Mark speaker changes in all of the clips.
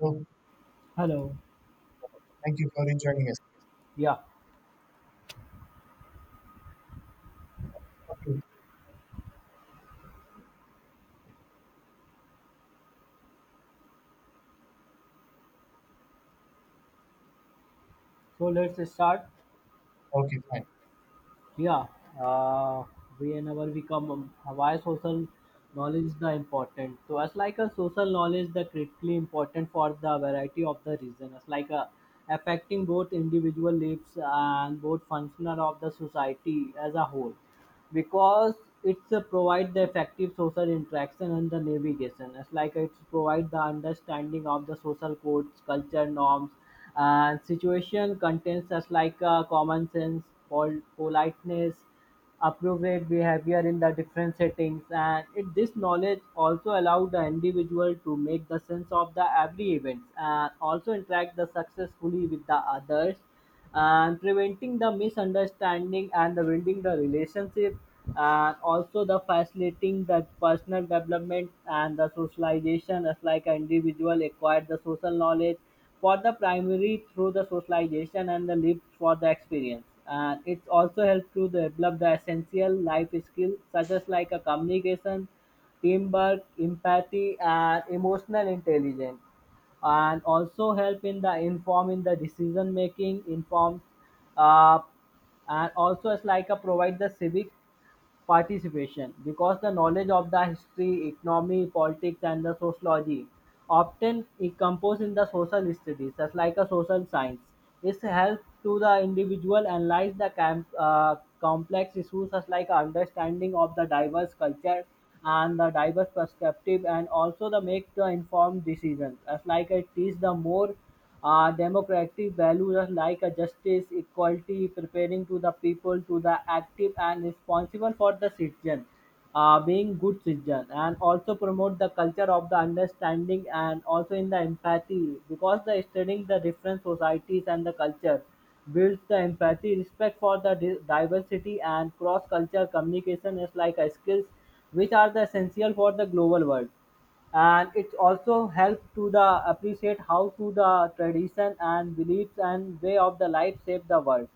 Speaker 1: So
Speaker 2: Hello.
Speaker 1: thank you for joining us.
Speaker 2: Yeah.
Speaker 1: Okay,
Speaker 2: So let's start.
Speaker 1: okay, fine.
Speaker 2: Yeah. Uh, whenever we come, why social knowledge is the important. So as like a social knowledge, the critically important for the variety of the reason. As like a affecting both individual lives and both functional of the society as a whole. Because it's provide the effective social interaction and the navigation, it's like it's provide the understanding of the social codes, culture norms and situation contains as like common sense, politeness, appropriate behavior in the different settings, and it, this knowledge also allowed the individual to make the sense of the every events and also interact the successfully with the others and preventing the misunderstanding and the building the relationship, and also the facilitating the personal development and the socialization as like an individual acquired the social knowledge for the primary through the socialization and the lived for the experience, and it also helps to develop the essential life skills such as like a communication, teamwork, empathy and emotional intelligence, and also help in the inform in the decision making inform. uh, and also it's like a provide the civic participation, because the knowledge of the history, economy, politics and the sociology often is composed in the social studies, just like a social science. It helps to the individual analyze the complex issues such like understanding of the diverse culture and the diverse perspective, and also the make the informed decisions as like it is the more democratic values are like justice, equality, preparing to the people, to the active and responsible for the citizen, being good citizen, and also promote the culture of the understanding and also in the empathy, because the studying the different societies and the culture builds the empathy, respect for the diversity, and cross-culture communication is like a skills which are the essential for the global world, and it also helps to the appreciate how to the tradition and beliefs and way of the life shape the world,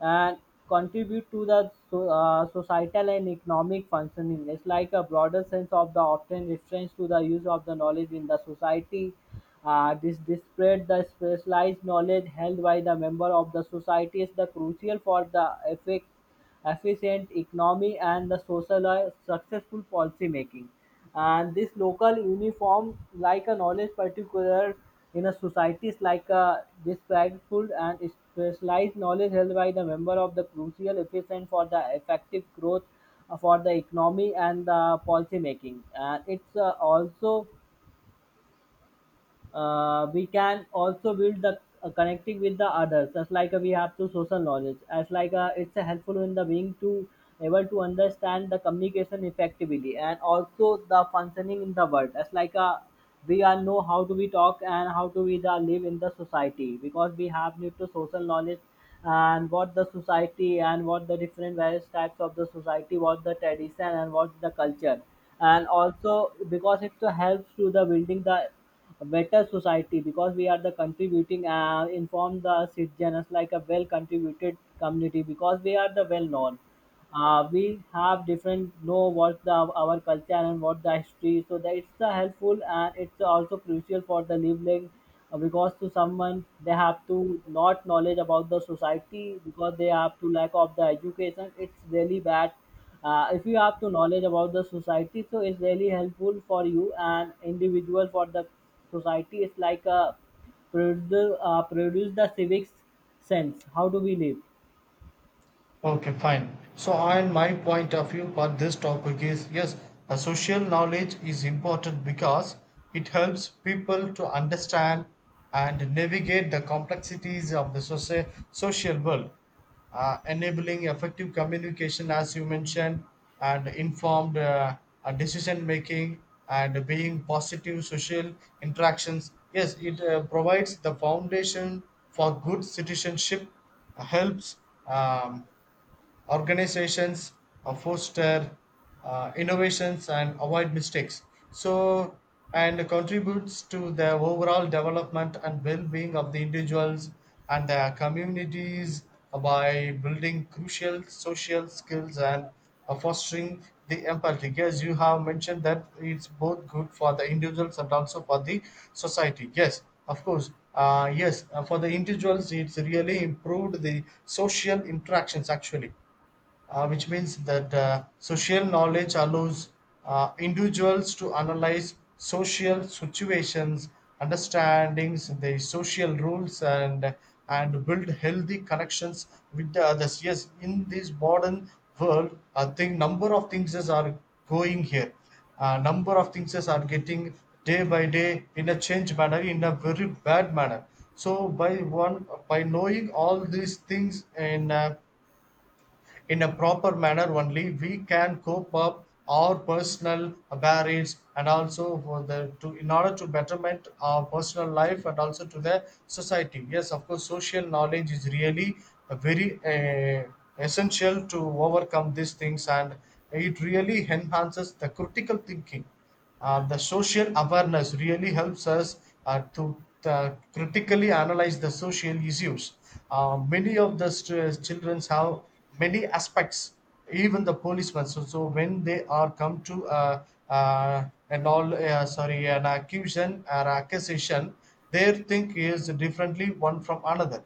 Speaker 2: and contribute to the societal and economic functioning, it's like a broader sense of the often reference to the use of the knowledge in the society. This disparate the specialized knowledge held by the member of the society is the crucial for the effect efficient economy and the social successful policy making. And this local uniform, like a knowledge particular in a societies, like a respectful and specialized knowledge held by the member of the crucial efficient for the effective growth for the economy and the policy making. And it's also we can also build the connecting with the others, just like we have to social knowledge as like it's helpful in the being to able to understand the communication effectively, and also the functioning in the world as like we are know how to we talk and how to we the live in the society, because we have need to social knowledge, and what the society and what the different various types of the society, what the tradition and what the culture. And also, because it helps to the building the a better society, because we are the contributing inform the citizens like a well contributed community, because we are the well known. We have different know what the our culture and what the history, so that it's the helpful, and it's also crucial for the living, because to someone they have to not knowledge about the society, because they have to lack of the education, it's really bad. If you have to knowledge about the society, so it's really helpful for you and individual for the society, it's like a produce the civics sense how do we live.
Speaker 1: Okay, fine. So, and my point of view for this topic is yes, a social knowledge is important because it helps people to understand and navigate the complexities of the social world, enabling effective communication, as you mentioned, and informed decision making and being positive social interactions. Yes, it provides the foundation for good citizenship helps um, organizations foster innovations and avoid mistakes, so and contributes to the overall development and well-being of the individuals and their communities by building crucial social skills and fostering the empathy. Yes, you have mentioned that it's both good for the individuals and also for the society. Yes, of course. Yes, for the individuals it's really improved the social interactions actually, which means that social knowledge allows individuals to analyze social situations, understandings, the social rules, and build healthy connections with the others. Yes, in this modern world, I think number of things is are going here. Number of things is are getting day by day in a change manner, in a very bad manner. So by one by knowing all these things and in a proper manner only we can cope up our personal barriers and also for the to in order to betterment our personal life and also to the society. Yes, of course, social knowledge is really a very essential to overcome these things, and it really enhances the critical thinking. The social awareness really helps us to critically analyze the social issues. Many of the children have many aspects, even the policemen. So when they are come to an all sorry an accusation or accusation, their think is differently one from another,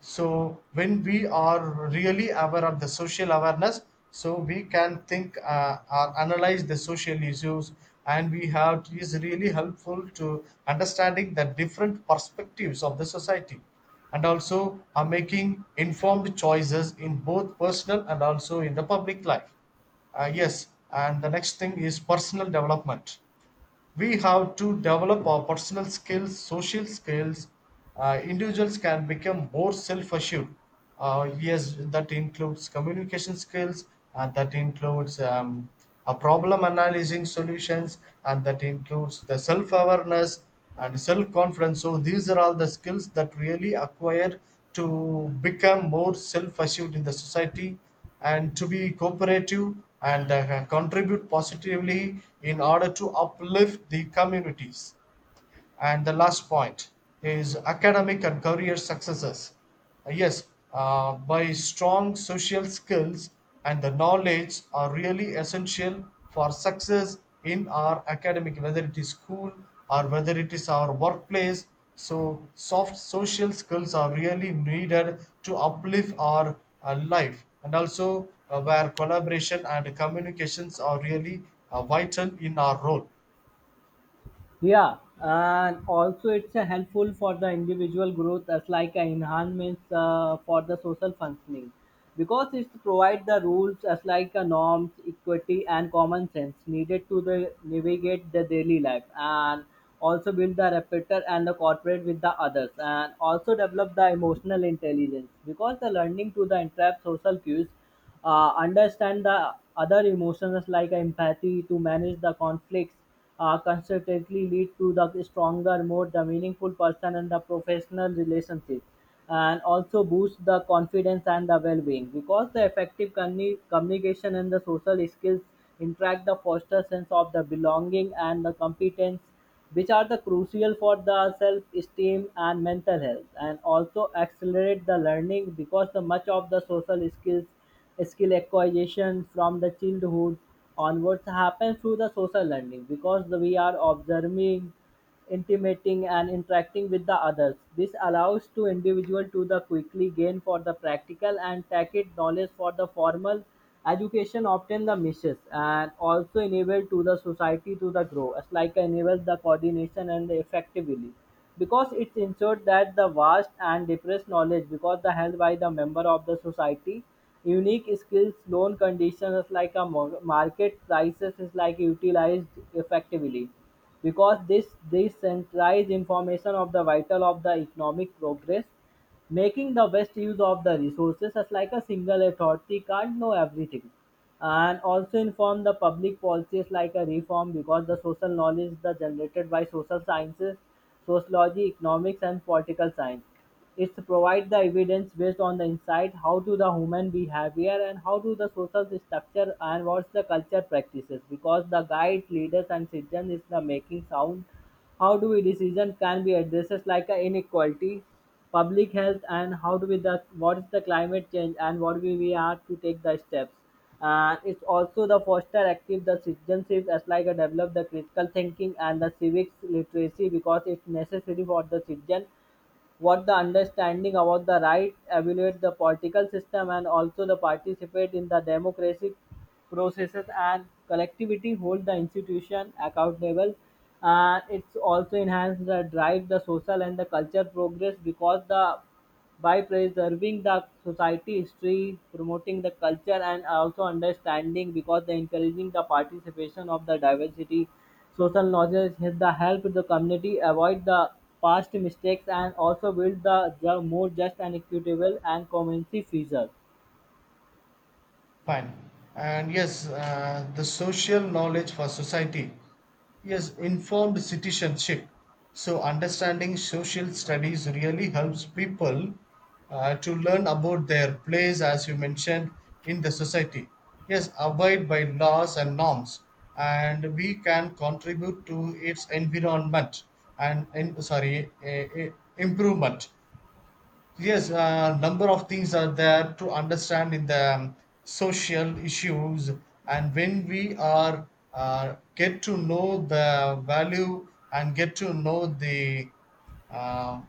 Speaker 1: so when we are really aware of the social awareness, so we can think or analyze the social issues, and we have is really helpful to understanding the different perspectives of the society and also are making informed choices in both personal and also in the public life. Yes, and the next thing is personal development. We have to develop our personal skills, social skills. Individuals can become more self-assured. Yes, that includes communication skills, and that includes a problem analyzing solutions, and that includes the self-awareness and self-confidence. So these are all the skills that really acquired to become more self-assured in the society and to be cooperative and contribute positively in order to uplift the communities. And the last point is academic and career successes. Yes, by strong social skills and the knowledge are really essential for success in our academic, whether it is school or whether it is our workplace. So, soft social skills are really needed to uplift our life, and also where collaboration and communications are really vital in our role.
Speaker 2: Yeah, and also it's a helpful for the individual growth as like an enhancement for the social functioning, because it provides the rules as like a norms, equity and common sense needed to the navigate the daily life, and also build the rapport and the cooperate with the others, and also develop the emotional intelligence, because the learning to the interrupt social cues, understand the other emotions like empathy to manage the conflicts, consistently lead to the stronger more the meaningful person and the professional relationship, and also boost the confidence and the well-being, because the effective communication and the social skills interact the foster sense of the belonging and the competence, which are the crucial for the self-esteem and mental health, and also accelerate the learning, because the much of the social skills skill acquisition from the childhood onwards happens through the social learning, because we are observing, intimating and interacting with the others. This allows to individual to the quickly gain for the practical and tacit knowledge for the formal education often the misses, and also enable to the society to the grow as like enables the coordination and the effectively, because it ensured that the vast and depressed knowledge, because the held by the member of the society, unique skills loan conditions like a market prices is like utilized effectively, because this decentralized information of the vital of the economic progress, making the best use of the resources as like a single authority can't know everything. And also inform the public policies like a reform, because the social knowledge is the generated by social sciences, sociology, economics and political science. It provide the evidence based on the insight how to the human behavior and how to the social structure and what's the culture practices, because the guides, leaders and citizens is the making sound, how do we decision can be addressed like a inequality, public health, and how do we the what is the climate change, and what we are to take the steps. And it's also the foster active the citizenship as like a develop the critical thinking and the civics literacy, because it's necessary for the citizen what the understanding about the right evaluate the political system and also the participate in the democratic processes and collectivity hold the institution accountable. And it's also enhance the drive the social and the culture progress, because the by preserving the society history, promoting the culture and also understanding, because the encouraging the participation of the diversity, social knowledge has the help the community avoid the past mistakes and also build the more just and equitable and cohesive future.
Speaker 1: Fine. And yes, the social knowledge for society. Yes, informed citizenship. So, understanding social studies really helps people to learn about their place, as you mentioned, in the society. Yes, abide by laws and norms, and we can contribute to its environment and sorry, improvement. Yes, a number of things are there to understand in the social issues. And when we are get to know the value and get to know the uh,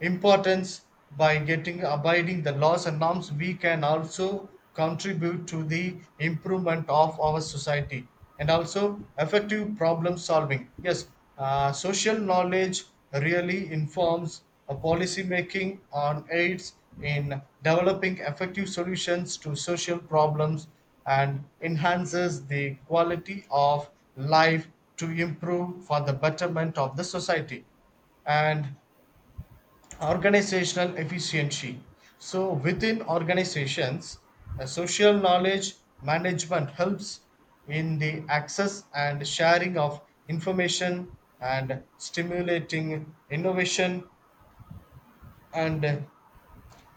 Speaker 1: importance by getting abiding the laws and norms, we can also contribute to the improvement of our society and also effective problem solving. Yes, social knowledge really informs a policy making on aids in developing effective solutions to social problems and enhances the quality of life to improve for the betterment of the society, and organizational efficiency. So within organizations, social knowledge management helps in the access and sharing of information and stimulating innovation and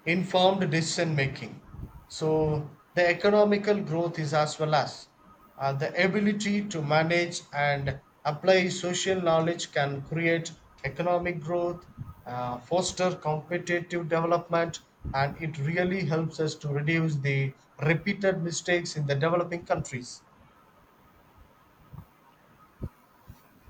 Speaker 1: informed decision making. So the economical growth is as well as the ability to manage and apply social knowledge can create economic growth, foster competitive development, and it really helps us to reduce the repeated mistakes in the developing countries.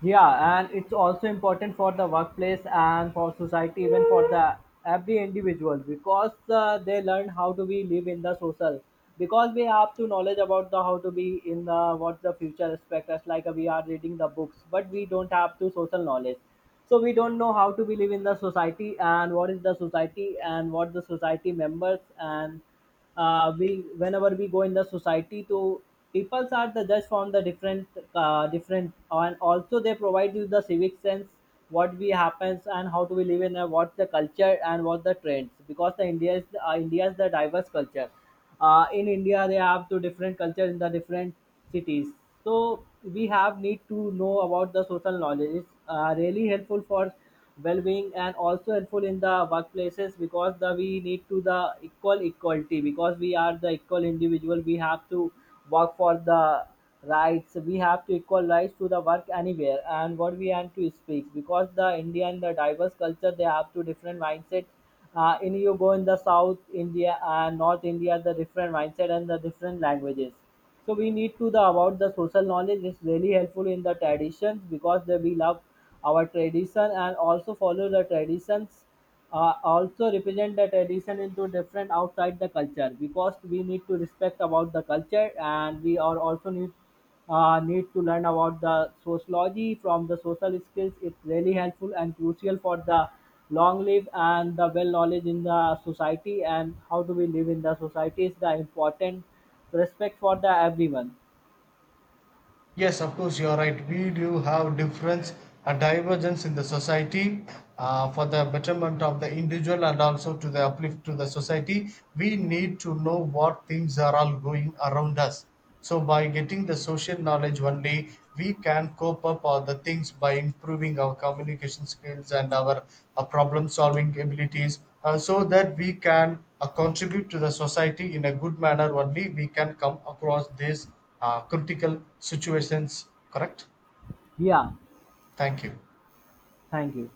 Speaker 2: Yeah, and it's also important for the workplace and for society, even for the every individual, because they learn how to be live in the social. Because we have to knowledge about the how to be in the what the future expect us, like we are reading the books, but we don't have to social knowledge. So we don't know how to be live in the society, and what is the society and what the society members, and we whenever we go in the society to peoples are the judge from the different different, and also they provide you the civic sense what we happens and how do we live in a, what's the culture and what the trends, because the india is the diverse culture. In india they have two different culture in the different cities. So we have need to know about the social knowledge. It's really helpful for well-being and also helpful in the workplaces, because the we need to the equality, because we are the equal individual. We have to work for the rights. We have to equal rights to the work anywhere and what we want to speak, because the Indian the diverse culture they have two different mindset. In you go in the south india and north india the different mindset and the different languages, so we need to the about the social knowledge is really helpful in the traditions, because the, we love our tradition and also follow the traditions. Also represent the tradition into different outside the culture, because we need to respect about the culture, and we are also need need to learn about the sociology from the social skills, it's really helpful and crucial for the long live and the well knowledge in the society, and how do we live in the society is the important, respect for the everyone.
Speaker 1: Yes, of course, you are right. We do have difference, a divergence in the society for the betterment of the individual and also to the uplift to the society. We need to know what things are all going around us. So, by getting the social knowledge only, we can cope up all the things by improving our communication skills and our problem solving abilities, so that we can contribute to the society in a good manner only. We can come across this critical situations, correct?
Speaker 2: Yeah,
Speaker 1: Thank you.
Speaker 2: thank you.